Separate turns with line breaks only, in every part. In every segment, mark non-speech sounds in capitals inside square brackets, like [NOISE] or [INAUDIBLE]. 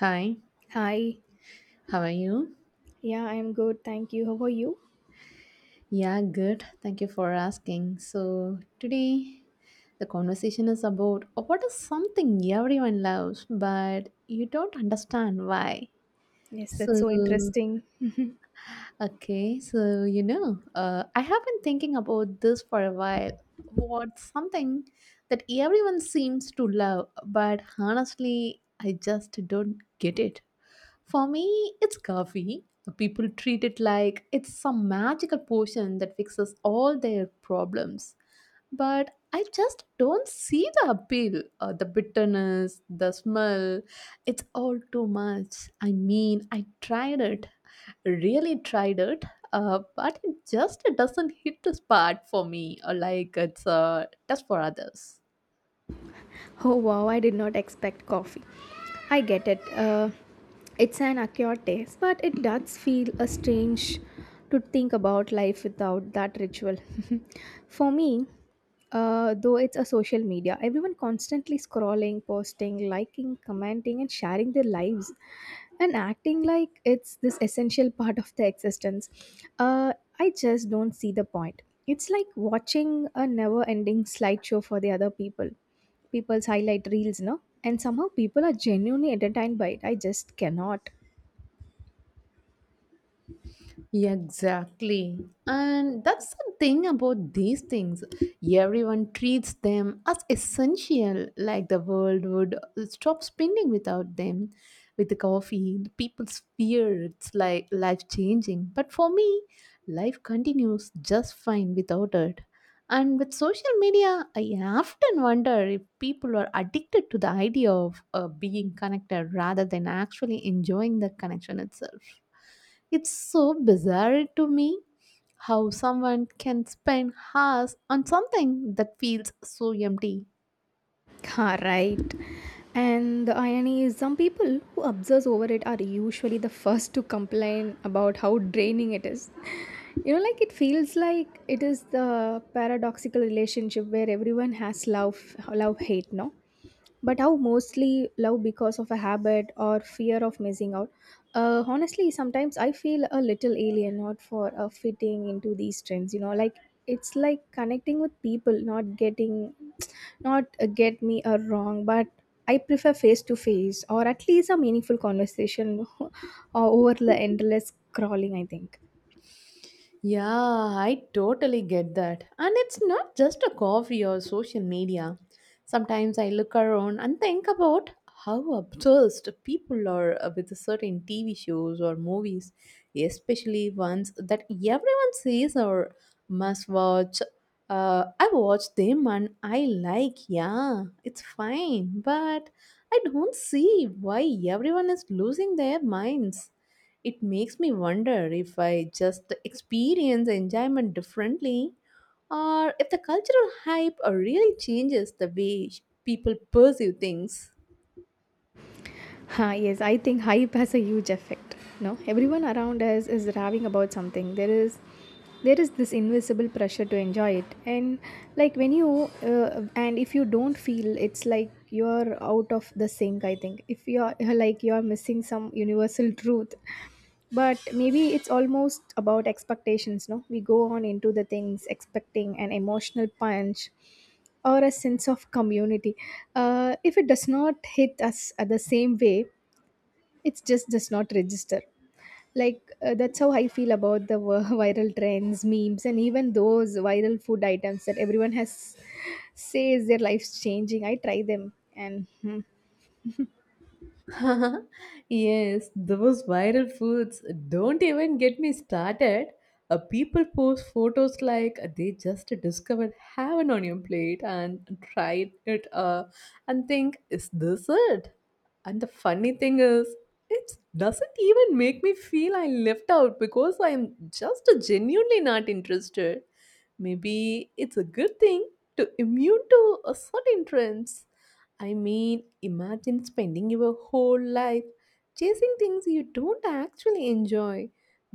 Hi,
Hi.
how are you?
Yeah, I'm good. Thank you. How are you?
Yeah, good. Thank you for asking. So, today the conversation is about what is something everyone loves but you don't understand why.
Yes, that's
So,
so interesting.
I have been thinking about this for a while. What's something that everyone seems to love, but honestly, I just don't get it. For me, it's coffee. People treat it like it's some magical potion that fixes all their problems. But I just don't see the appeal, the bitterness, the smell. It's all too much. I mean, I tried it, really tried it, but it just doesn't hit the spot for me, or like it's a test for others.
Oh wow, I did not expect coffee. I get it. It's an acquired taste, but it does feel a strange to think about life without that ritual. [LAUGHS] For me, though it's a social media, everyone constantly scrolling, posting, liking, commenting, and sharing their lives, and acting like it's this essential part of their existence. Uh, I just don't see the point. It's like watching a never-ending slideshow for the other people's highlight reels. No, and somehow people are genuinely entertained by it. I just cannot.
Exactly. And that's the thing about these things. Everyone treats them as essential, like the world would stop spinning without them. With the coffee, the people's fear it's like life changing. But for me, life continues just fine without it. And with social media, I often wonder if people are addicted to the idea of being connected rather than actually enjoying the connection itself. It's so bizarre to me how someone can spend hours on something that feels so empty.
Ha, right. And the irony is, some people who obsess over it are usually the first to complain about how draining it is. You know, like it feels like it is the paradoxical relationship where everyone has love, love, hate, no? But how mostly love because of a habit or fear of missing out. Honestly, sometimes I feel a little alien, not for fitting into these trends. You know, like it's like connecting with people, not getting, not, get me wrong, but I prefer face to face or at least a meaningful conversation [LAUGHS] over the endless scrolling, I think.
Yeah, I totally get that. And it's not just a coffee or social media. Sometimes I look around and think about how obsessed people are with certain TV shows or movies, especially ones that everyone says or must watch. I watch them and I like, yeah, it's fine, but I don't see why everyone is losing their minds. It makes me wonder if I just experience enjoyment differently or if the cultural hype really changes the way people perceive things.
Ha, yes, I think hype has a huge effect. No, everyone around us is raving about something. There is this invisible pressure to enjoy it, and like when you, and if you don't feel, it's like you're out of the sync. I think if you're [LAUGHS] like you're missing some universal truth. But maybe it's almost about expectations, no? We go on into the things expecting an emotional punch or a sense of community. If it does not hit us at the same way, it just does not register. Like, that's how I feel about the [LAUGHS] viral trends, memes, and even those viral food items that everyone has says their life's changing. I try them, and hmm.
[LAUGHS] Yes, those viral foods don't even get me started. People post photos like they just discovered heaven on your plate and tried it and think, is this it? And the funny thing is, it doesn't even make me feel I left out because I'm just genuinely not interested. Maybe it's a good thing to immune to a certain trends. I mean, imagine spending your whole life chasing things you don't actually enjoy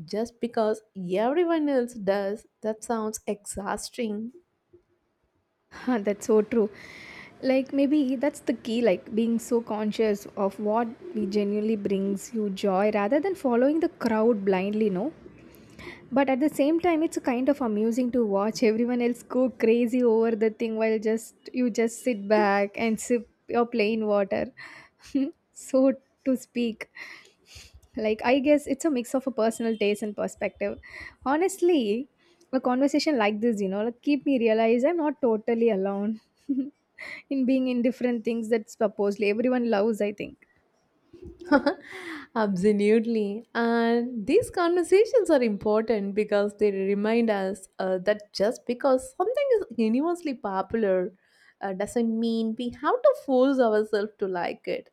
just because everyone else does. That sounds exhausting.
[LAUGHS] Huh, that's so true. Like maybe that's the key, like being so conscious of what we genuinely brings you joy rather than following the crowd blindly, no? But at the same time, it's kind of amusing to watch everyone else go crazy over the thing while just you just sit back and sip your plain water. [LAUGHS] So to speak. Like, I guess it's a mix of a personal taste and perspective. Honestly, a conversation like this, like keep me realize I'm not totally alone [LAUGHS] in being indifferent things that supposedly everyone loves, I think.
[LAUGHS] Absolutely. And these conversations are important because they remind us that just because something is universally popular doesn't mean we have to force ourselves to like it.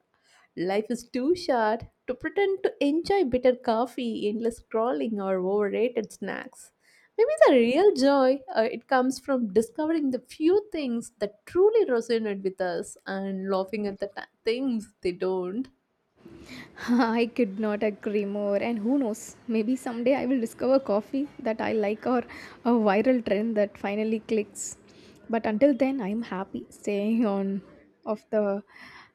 Life is too short to pretend to enjoy bitter coffee, endless scrolling, or overrated snacks. Maybe the real joy it comes from discovering the few things that truly resonate with us and laughing at the things they don't.
[LAUGHS] I could not agree more. And who knows, maybe someday I will discover coffee that I like or a viral trend that finally clicks. But until then, I'm happy staying on of the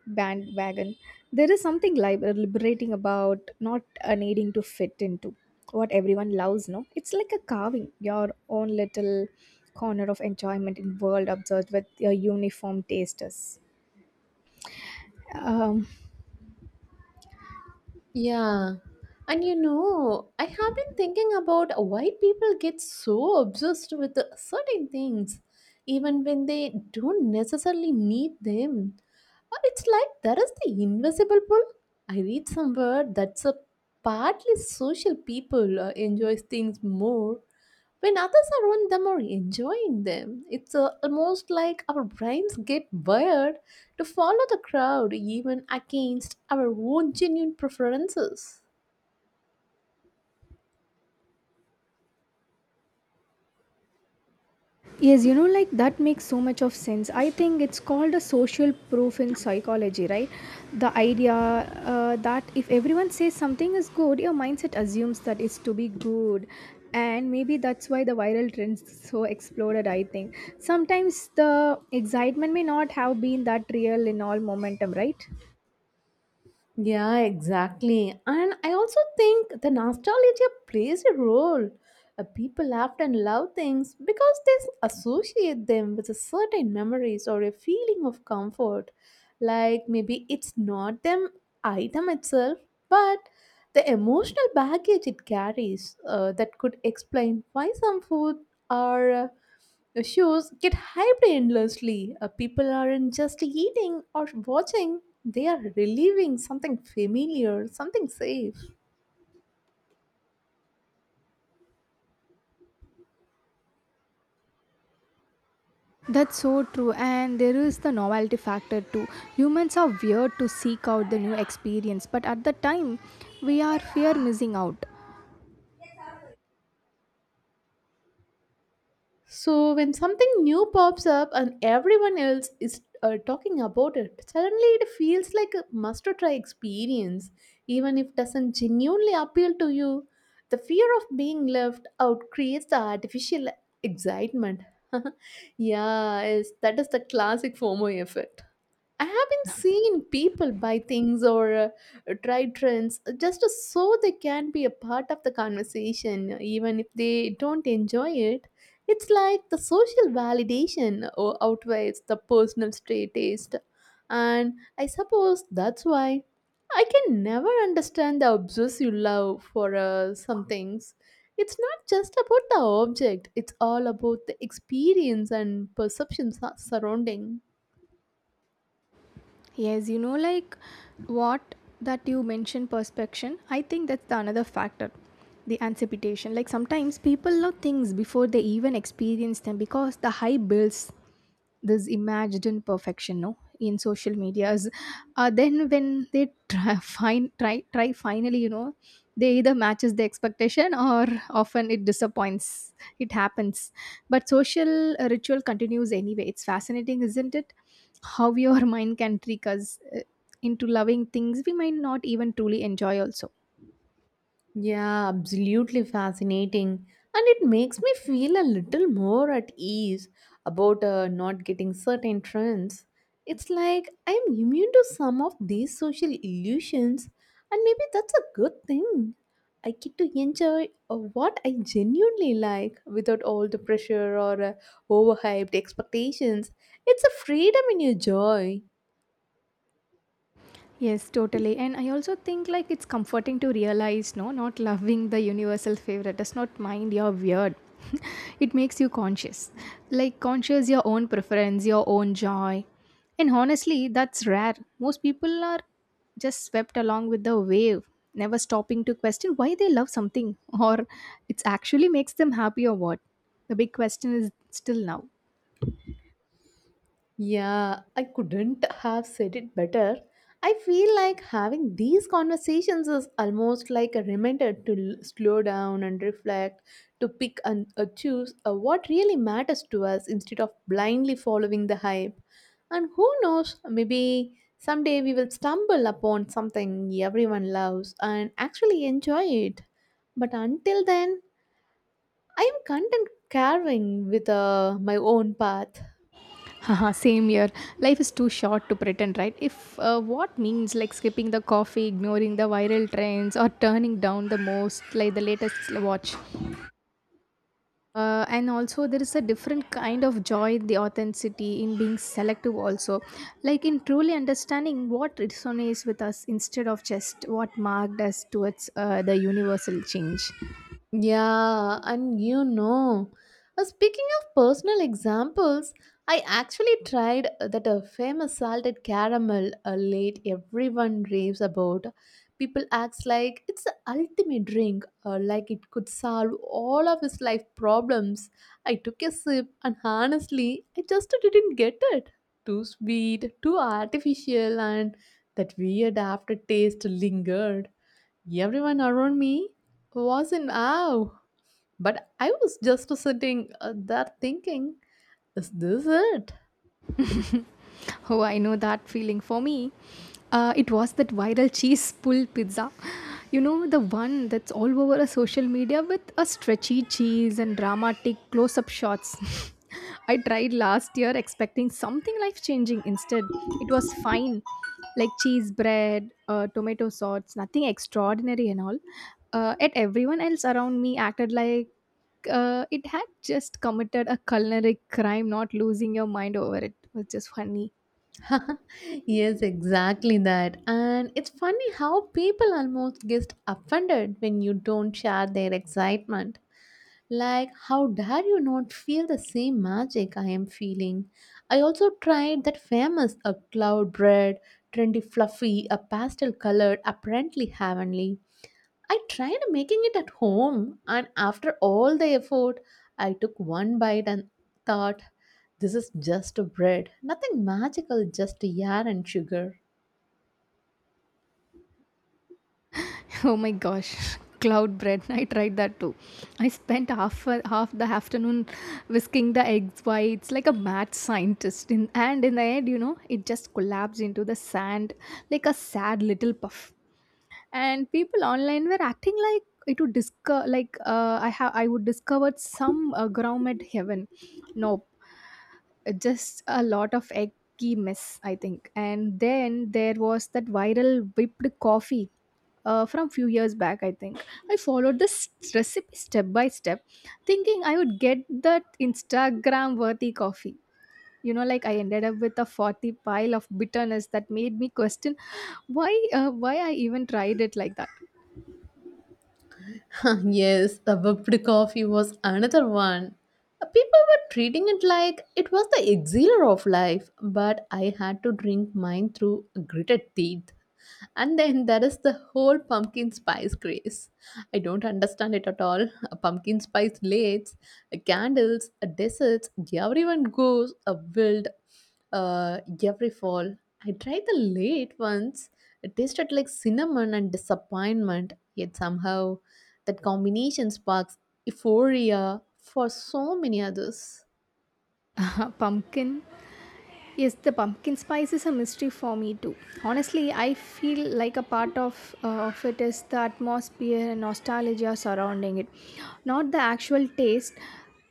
bandwagon. There is something liberating about not needing to fit into what everyone loves, no? It's like a carving your own little corner of enjoyment in world observed with your uniform tasters. Um,
Yeah. And you know, I have been thinking about why people get so obsessed with certain things, even when they don't necessarily need them. It's like there is the invisible pull. I read somewhere that's a partly social people enjoy things more when others are on them or enjoying them. It's almost like our brains get wired to follow the crowd even against our own genuine preferences.
Yes, like that makes so much of sense. I think it's called a social proof in psychology, right? The idea that if everyone says something is good, your mindset assumes that it's to be good. And maybe that's why the viral trends so exploded, I think. Sometimes the excitement may not have been that real in all momentum, right?
Yeah, exactly. And I also think the nostalgia plays a role. People often love things because they associate them with a certain memories or a feeling of comfort. Like maybe it's not the item itself, but the emotional baggage it carries that could explain why some food are. The shows get hyped endlessly. People aren't just eating or watching, they are reliving something familiar, something safe.
That's so true, and there is the novelty factor too. Humans are weird to seek out the new experience, but at the time, we are fear missing out.
So, when something new pops up and everyone else is talking about it, suddenly it feels like a must try experience, even if it doesn't genuinely appeal to you. The fear of being left out creates the artificial excitement. [LAUGHS] Yeah, is that is the classic FOMO effect. I haven't seen people buy things or try trends just so they can be a part of the conversation, even if they don't enjoy it. It's like the social validation outweighs the personal stray taste. And I suppose that's why I can never understand the obsessive love for some things. It's not just about the object, it's all about the experience and perceptions surrounding.
Yes, like what that you mentioned perspection, I think that's the another factor. The anticipation. Like sometimes people know things before they even experience them because the hype builds this imagined perfection, no, in social medias, then when they try [LAUGHS] find try finally, they either matches the expectation or often it disappoints. It happens, but social ritual continues anyway. It's fascinating, isn't it, how your [LAUGHS] mind can trick us into loving things we might not even truly enjoy also.
Yeah, absolutely fascinating. And it makes me feel a little more at ease about not getting certain trends. It's like I am immune to some of these social illusions, and maybe that's a good thing. I get to enjoy what I genuinely like without all the pressure or overhyped expectations. It's a freedom in your joy.
Yes, totally. And I also think like it's comforting to realize, no, not loving the universal favorite does not mind your weird. [LAUGHS] It makes you conscious. Like conscious your own preference, your own joy. And honestly, that's rare. Most people are just swept along with the wave, never stopping to question why they love something [LAUGHS] or it actually makes them happy or what. The big question is still now.
Yeah, I couldn't have said it better. I feel like having these conversations is almost like a reminder to slow down and reflect, to pick and choose what really matters to us instead of blindly following the hype. And who knows, maybe someday we will stumble upon something everyone loves and actually enjoy it. But until then, I am content carving with my own path.
Haha, same here. Life is too short to pretend, right? If, what means like skipping the coffee, ignoring the viral trends, or turning down the most, like the latest watch. And also, there is a different kind of joy in the authenticity in being selective, also, like in truly understanding what resonates with us instead of just what marked us towards, the universal change.
Yeah, and you know, speaking of personal examples, I actually tried that a famous salted caramel late everyone raves about. People acts like it's the ultimate drink, like it could solve all of his life problems. I took a sip, and honestly, I just didn't get it. Too sweet, too artificial, and that weird aftertaste lingered. Everyone around me was in awe, but I was just sitting there thinking, is this it?
Oh, I know that feeling. For me, it was that viral cheese pull pizza. You know, the one that's all over a social media with a stretchy cheese and dramatic close up shots. [LAUGHS] I tried last year expecting something life changing. Instead, it was fine, like cheese bread, tomato sauce, nothing extraordinary and all. Yet everyone else around me acted like it had just committed a culinary crime, not losing your mind over it. It was just funny.
[LAUGHS] Yes, exactly that. And it's funny how people almost get offended when you don't share their excitement. Like, how dare you not feel the same magic I am feeling? I also tried that famous a cloud bread, trendy, fluffy, a pastel colored, apparently heavenly. I tried making it at home, and after all the effort, I took one bite and thought, this is just a bread, nothing magical, just air and sugar.
Oh my gosh, [LAUGHS] cloud bread. I tried that too. I spent half the afternoon whisking the eggs whites like a mad scientist. In, and in the end, you know, it just collapsed into the sand like a sad little puff. And people online were acting like it would discover, like, I would discovered some ground at heaven. Nope. Just a lot of eggy mess, I think. And then there was that viral whipped coffee, from few years back, I think. I followed this recipe step by step, thinking I would get that Instagram worthy coffee. You know, like I ended up with a 40 pile of bitterness that made me question why I even tried it like that.
[LAUGHS] Yes, the whipped coffee was another one. People were treating it like it was the elixir of life, but I had to drink mine through gritted teeth. And then there is the whole pumpkin spice craze. I don't understand it at all. A pumpkin spice lates, a candles, a desserts, everyone goes a wild. Every fall, I tried the late ones. It tasted like cinnamon and disappointment, yet somehow that combination sparks euphoria for so many others.
[LAUGHS] Pumpkin. Yes, the pumpkin spice is a mystery for me too. Honestly, I feel like a part of it is the atmosphere and nostalgia surrounding it, not the actual taste.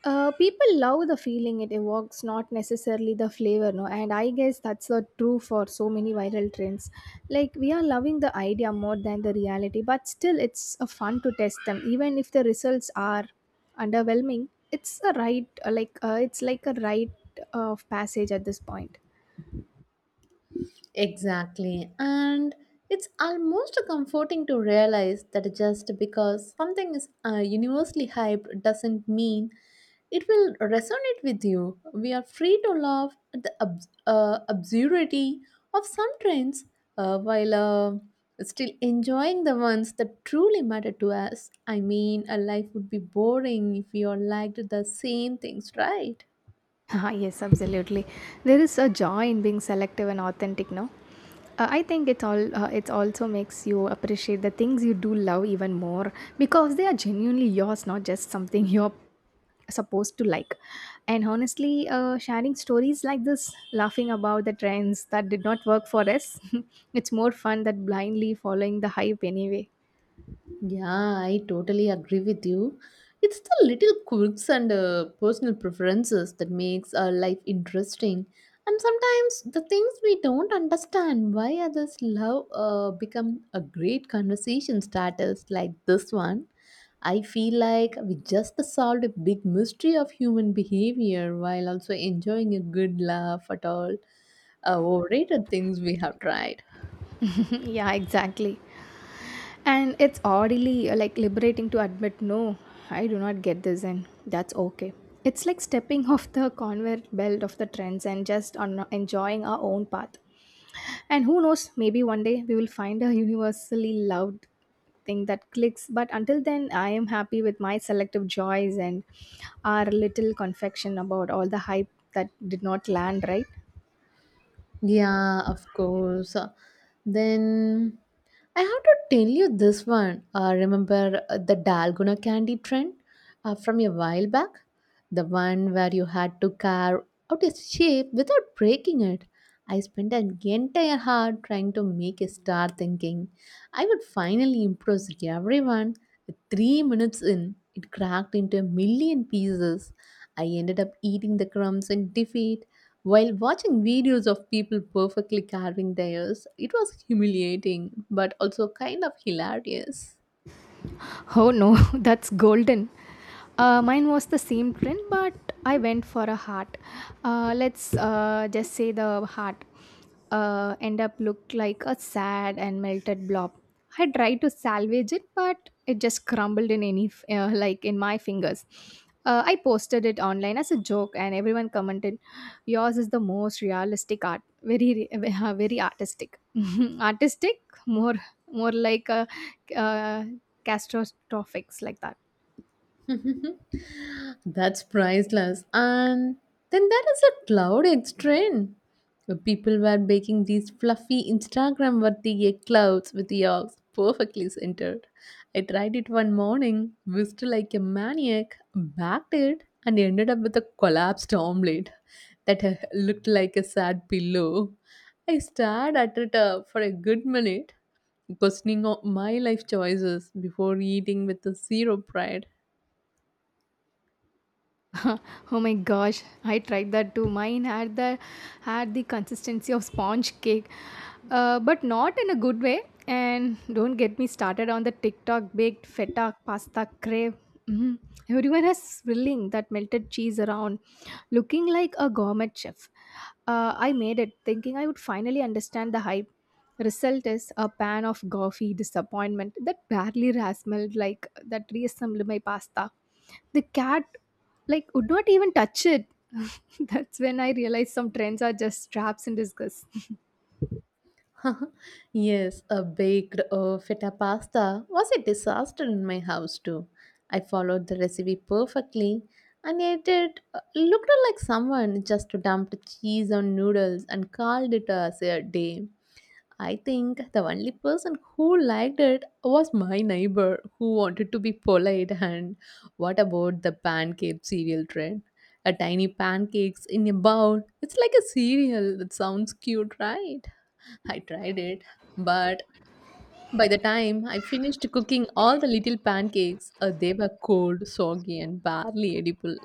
People love the feeling it evokes, not necessarily the flavor, no. And I guess that's the true for so many viral trends. Like we are loving the idea more than the reality, but still, it's a fun to test them, even if the results are underwhelming. It's a right, like, it's like a rite of passage at this point.
Exactly. And it's almost comforting to realize that just because something is universally hyped doesn't mean it will resonate with you. We are free to laugh at the absurdity of some trends while still enjoying the ones that truly matter to us. I mean, a life would be boring if we all liked the same things, right?
[LAUGHS] Ah, yes, absolutely, there is a joy in being selective and authentic, no? I think it also makes you appreciate the things you do love even more, because they are genuinely yours, not just something [LAUGHS] you're supposed to like. And honestly, sharing stories like this, laughing about the trends that did not work for us, [LAUGHS] it's more fun than blindly following the hype anyway.
Yeah, I totally agree with you. It's the little quirks and personal preferences that makes our life interesting. And sometimes the things we don't understand why others love become a great conversation starters like this one. I feel like we just solved a big mystery of human behavior while also enjoying a good laugh at all overrated things we have tried.
[LAUGHS] Yeah, exactly. And it's oddly like liberating to admit, no, I do not get this, and that's okay. It's like stepping [LAUGHS] off the conveyor belt of the trends and just on enjoying our own path. And who knows, maybe one day we will find a universally loved thing that clicks. But until then, I am happy with my selective joys and our little confection about all the hype that did not land right.
Yeah, of course. Then I have to tell you this one. Remember the Dalgona candy trend from a while back? The one where you had to carve out a shape without breaking it. I spent an entire hour trying to make a star thinking I would finally impress everyone. 3 minutes in, it cracked into a million pieces. I ended up eating the crumbs in defeat while watching videos of people perfectly carving theirs. It was humiliating but also kind of hilarious.
Oh no, [LAUGHS] that's golden. Mine was the same trend, but I went for a heart. Let's just say the heart end up looked like a sad and melted blob. I tried to salvage it, but it just crumbled in any like in my fingers. I posted it online as a joke, and everyone commented, "Yours is the most realistic art. Very, [LAUGHS] very artistic. [LAUGHS] Artistic, more, more like a." Uh, Catastrophic like that.
[LAUGHS] That's priceless. And then there is a cloud eggs trend, where people were baking these fluffy Instagram worthy egg clouds with yolks perfectly centered. I tried it one morning, whisked like a maniac, backed it, and ended up with a collapsed omelette that looked like a sad pillow. I stared at it for a good minute, questioning my life choices before eating with a zero pride.
[LAUGHS] Oh my gosh, I tried that too. Mine had the consistency of sponge cake, but not in a good way. And don't get me started on the TikTok baked feta pasta crave. Mm. Everyone is swirling that melted cheese around, looking like a gourmet chef. I made it thinking I would finally understand the hype. Result is a pan of gauzy disappointment that barely rasmelled like that reassembled my pasta. The cat, like, would not even touch it. [LAUGHS] That's when I realized some trends are just traps in disguise. [LAUGHS]
[LAUGHS] Yes, a baked feta pasta was a disaster in my house too. I followed the recipe perfectly, and yet it looked like someone just dumped cheese on noodles and called it as a day. I think the only person who liked it was my neighbor who wanted to be polite. And what about the pancake cereal trend? A tiny pancakes in a bowl. It's like a cereal that sounds cute, right? I tried it, but by the time I finished cooking all the little pancakes, they were cold, soggy, and barely edible.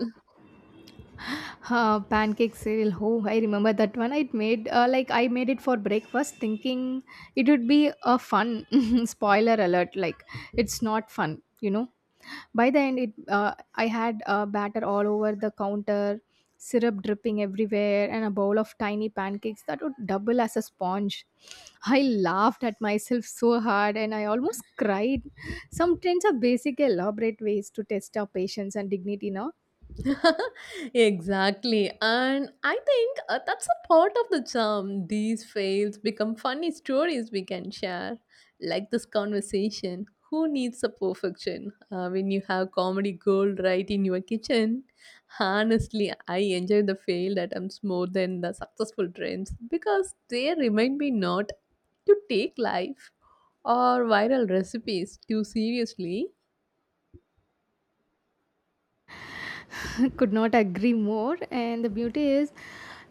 Pancake cereal. Oh, I remember that one. I made it for breakfast, thinking it would be a fun. [LAUGHS] Spoiler alert! Like, it's not fun. By the end, it I had batter all over the counter, syrup dripping everywhere, and a bowl of tiny pancakes that would double as a sponge. I laughed at myself so hard, and I almost cried. Some trends are basic, elaborate ways to test our patience and dignity now.
[LAUGHS] Exactly. And I think that's a part of the charm. These fails become funny stories we can share, like this conversation. Who needs a perfection when you have comedy gold right in your kitchen? Honestly, I enjoy the failed attempts more than the successful trends because they remind me not to take life or viral recipes too seriously.
[LAUGHS] Could not agree more, and the beauty is,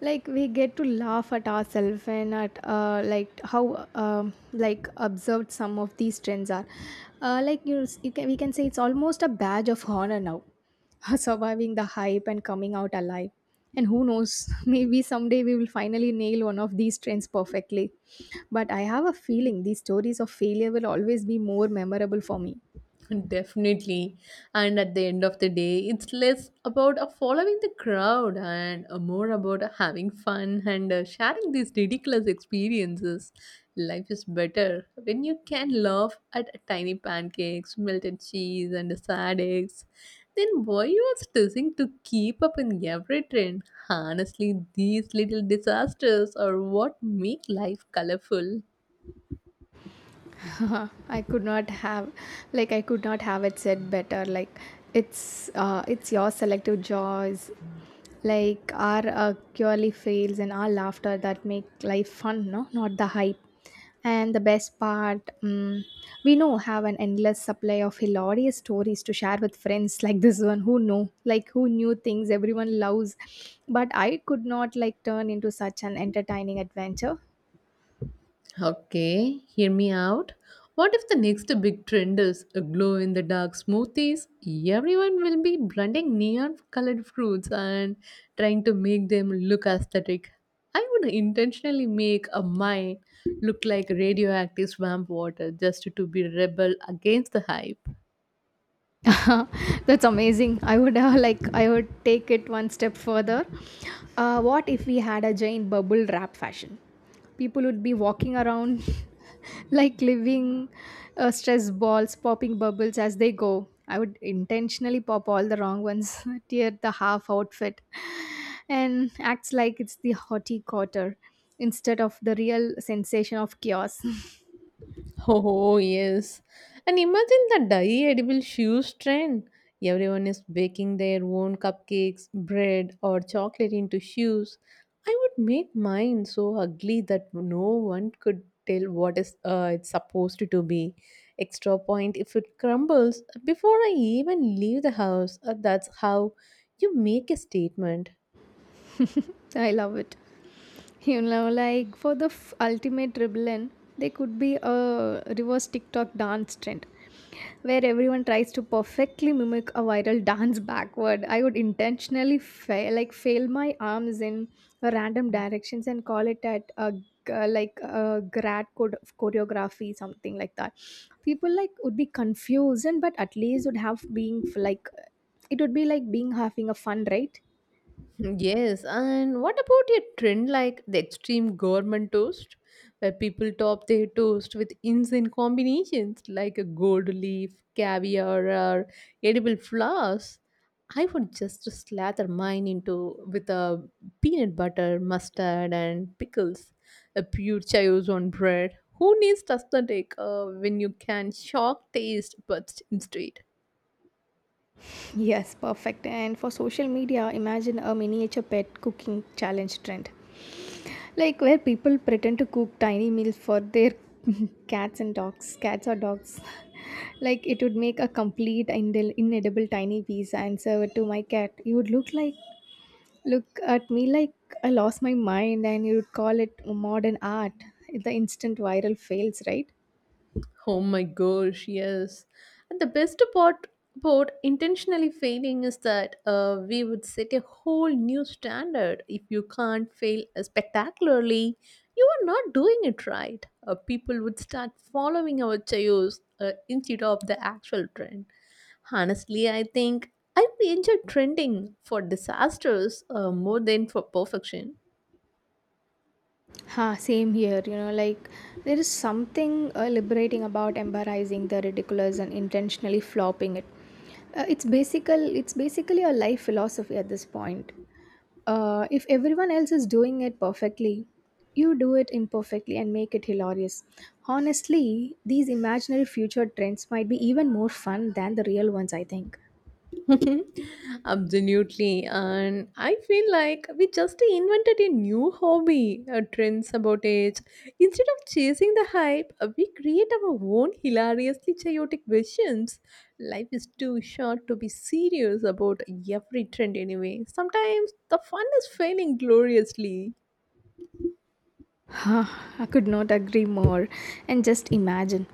like, we get to laugh at ourselves and at like how um like observed, some of these trends are like you can we can say it's almost a badge of honor now. [LAUGHS] Surviving the hype and coming out alive, and who knows, [LAUGHS] maybe someday we will finally nail one of these trends perfectly, but I have a feeling these stories of failure will always be more memorable for me.
[LAUGHS] Definitely. And at the end of the day, it's less about following the crowd and more about having fun and sharing these ridiculous experiences. Life is better when you can laugh at tiny pancakes, melted cheese, and sad eggs. Then why you are stressing to keep up in every trend? Honestly, these little disasters are what make life colorful.
Uh-huh. I could not have, I could not have it said better. Like, it's it's your selective joys, like our purely fails and our laughter that make life fun, no, not the hype. And the best part, we know have an endless supply of hilarious stories to share with friends, [LAUGHS] like this one, who know, like who knew things everyone loves, but I could not like turn into such an entertaining adventure.
Okay, hear me out. What if the next big trend is glow in the dark smoothies? Everyone will be blending neon colored fruits and trying to make them look aesthetic. I would intentionally make a mine look like radioactive swamp water just to be rebel against the hype.
[LAUGHS] That's amazing. I would take it one step further. What if we had a giant bubble wrap fashion? People would be walking around [LAUGHS] like living stress balls, popping bubbles as they go. I would intentionally pop all the wrong ones, [LAUGHS] tear the half outfit, [SIGHS] and acts like it's the hottie quarter instead of the real sensation of chaos. [LAUGHS]
Oh, yes. And imagine the dye edible shoes trend. Everyone is baking their own cupcakes, bread, or chocolate into shoes. I would make mine so ugly that no one could tell what is it's supposed to be. Extra point if it crumbles before I even leave the house. That's how you make a statement.
I love it. You know, like for the ultimate rebellion, there could be a reverse TikTok dance trend where everyone tries to perfectly mimic a viral dance backward. I would intentionally fail, like fail my arms in random directions and call it at a like a choreography, something like that. People like would be confused, and but at least would have being like it would be like being having a fun, right?
Yes, and what about a trend like the extreme government toast, where people top their toast with insane combinations like a gold leaf, caviar, or edible flowers? I would just slather mine into with a peanut butter, mustard, and pickles, a pure chaos on bread. Who needs aesthetic when you can shock taste buds instead?
Yes, perfect. And for social media, imagine a miniature pet cooking challenge trend. Like, where people pretend to cook tiny meals for their [LAUGHS] cats or dogs. [LAUGHS] Like it would make a complete inedible tiny piece and serve it to my cat. You would look like look at me like I lost my mind, and you would call it modern art. The instant viral fails, right?
Oh my gosh, yes. And the best part about intentionally failing is that we would set a whole new standard. If you can't fail spectacularly, you are not doing it right. People would start following our chaos instead of the actual trend. Honestly, I think I enjoy trending for disasters more than for perfection.
Ha, same here. You know, like there is something liberating about embarrassing the ridiculous and intentionally flopping it. It's basically a life philosophy at this point. If everyone else is doing it perfectly, you do it imperfectly and make it hilarious. Honestly, these imaginary future trends might be even more fun than the real ones, I think.
[LAUGHS] Absolutely. And I feel like we just invented a new hobby, a trend sabotage. Instead of chasing the hype, we create our own hilariously chaotic versions. Life is too short to be serious about every trend anyway. Sometimes the fun is failing gloriously.
Huh, I could not agree more. And just imagine,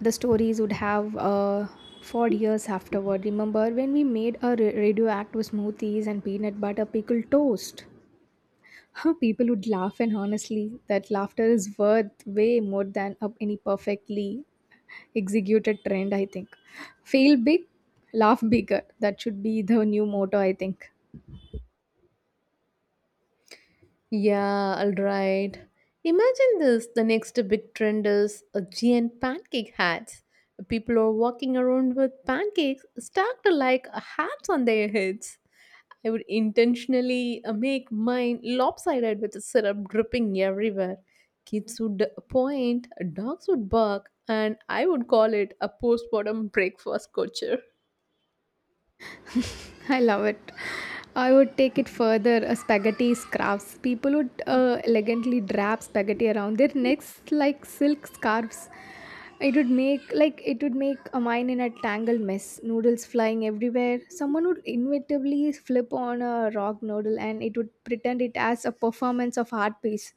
the stories would have for years afterward. Remember when we made our radioactive smoothies and peanut butter pickle toast? Huh, people would laugh, and honestly, that laughter is worth way more than any perfectly executed trend, I think. Fail big, laugh bigger. That should be the new motto, I think.
Yeah, alright. Imagine this the next big trend is a giant pancake hats. People are walking around with pancakes stacked like hats on their heads. I would intentionally make mine lopsided with the syrup dripping everywhere. Kids would point, dogs would bark, and I would call it a postpartum breakfast culture.
[LAUGHS] I love it. I would take it further. A spaghetti scraps. People would elegantly wrap spaghetti around their necks like silk scarves. It would make a mine in a tangled mess. Noodles flying everywhere. Someone would inevitably flip on a rock noodle, and it would pretend it as a performance of art piece,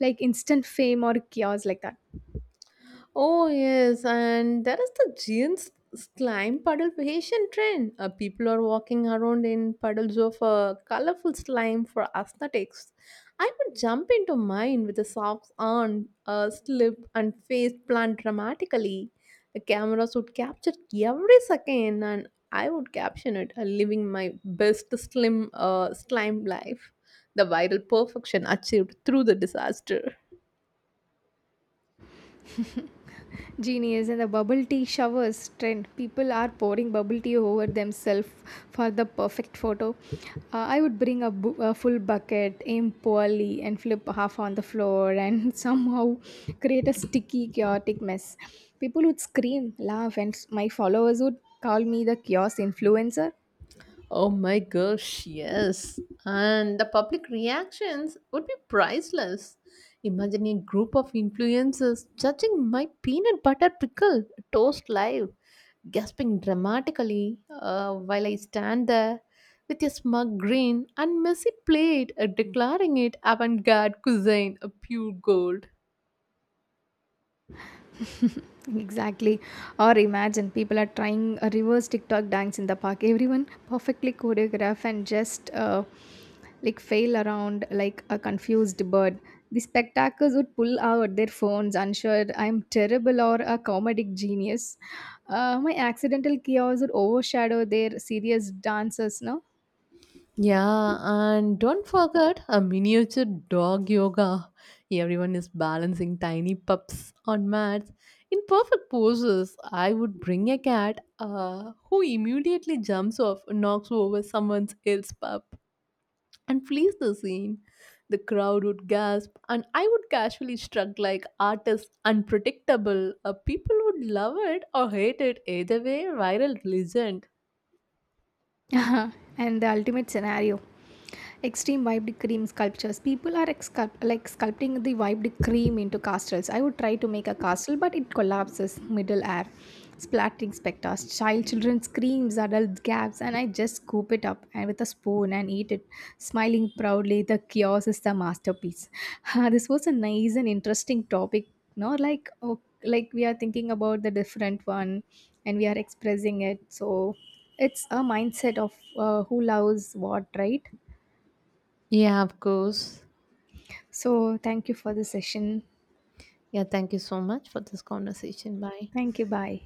like instant fame or chaos like that.
Oh yes, and there is the Giants slime puddle Haitian trend. People are walking around in puddles of colorful slime for aesthetics. I would jump into mine with the socks on, a slip, and face plant dramatically. The cameras would capture every second, and I would caption it, living my best slime life. The viral perfection achieved through the disaster.
Genius, and the bubble tea showers trend. People are pouring bubble tea over themselves for the perfect photo. I would bring a, a full bucket, aim poorly, and flip half on the floor, and [LAUGHS] somehow create a sticky, chaotic mess. People would scream, laugh, and my followers would call me the chaos influencer.
Oh my gosh, yes. And the public reactions would be priceless. Imagine a group of influencers judging my peanut butter pickle toast live, gasping dramatically while I stand there with a smug grin and messy plate declaring it avant garde cuisine, a pure gold.
Exactly. Or imagine people are trying a reverse TikTok dance in the park. Everyone perfectly choreographed, and just like fail around like a confused bird. The spectators would pull out their phones, unsure I'm terrible or a comedic genius. My accidental chaos would overshadow their serious dancers, no?
Yeah, and don't forget a miniature dog yoga. Everyone is balancing tiny pups on mats in perfect poses. I would bring a cat who immediately jumps off and knocks over someone else's pup and flees the scene. The crowd would gasp, and I would casually strut like artist unpredictable. People would love it or hate it either way. Viral legend.
[LAUGHS] And the ultimate scenario, extreme wiped cream sculptures. People are like sculpting the wiped cream into castles. I would try to make a castle, but it collapses middle air. Splattering specters, children screams, adult gaps, and I just scoop it up and with a spoon and eat it, smiling proudly. The chaos is the masterpiece. [LAUGHS] This was a nice and interesting topic. No, like oh, like we are thinking about the different one, and we are expressing it. So it's a mindset of who loves what, right?
Yeah, of course.
So, thank you for the session.
Yeah, thank you so much for this conversation. Bye.
Thank you. Bye.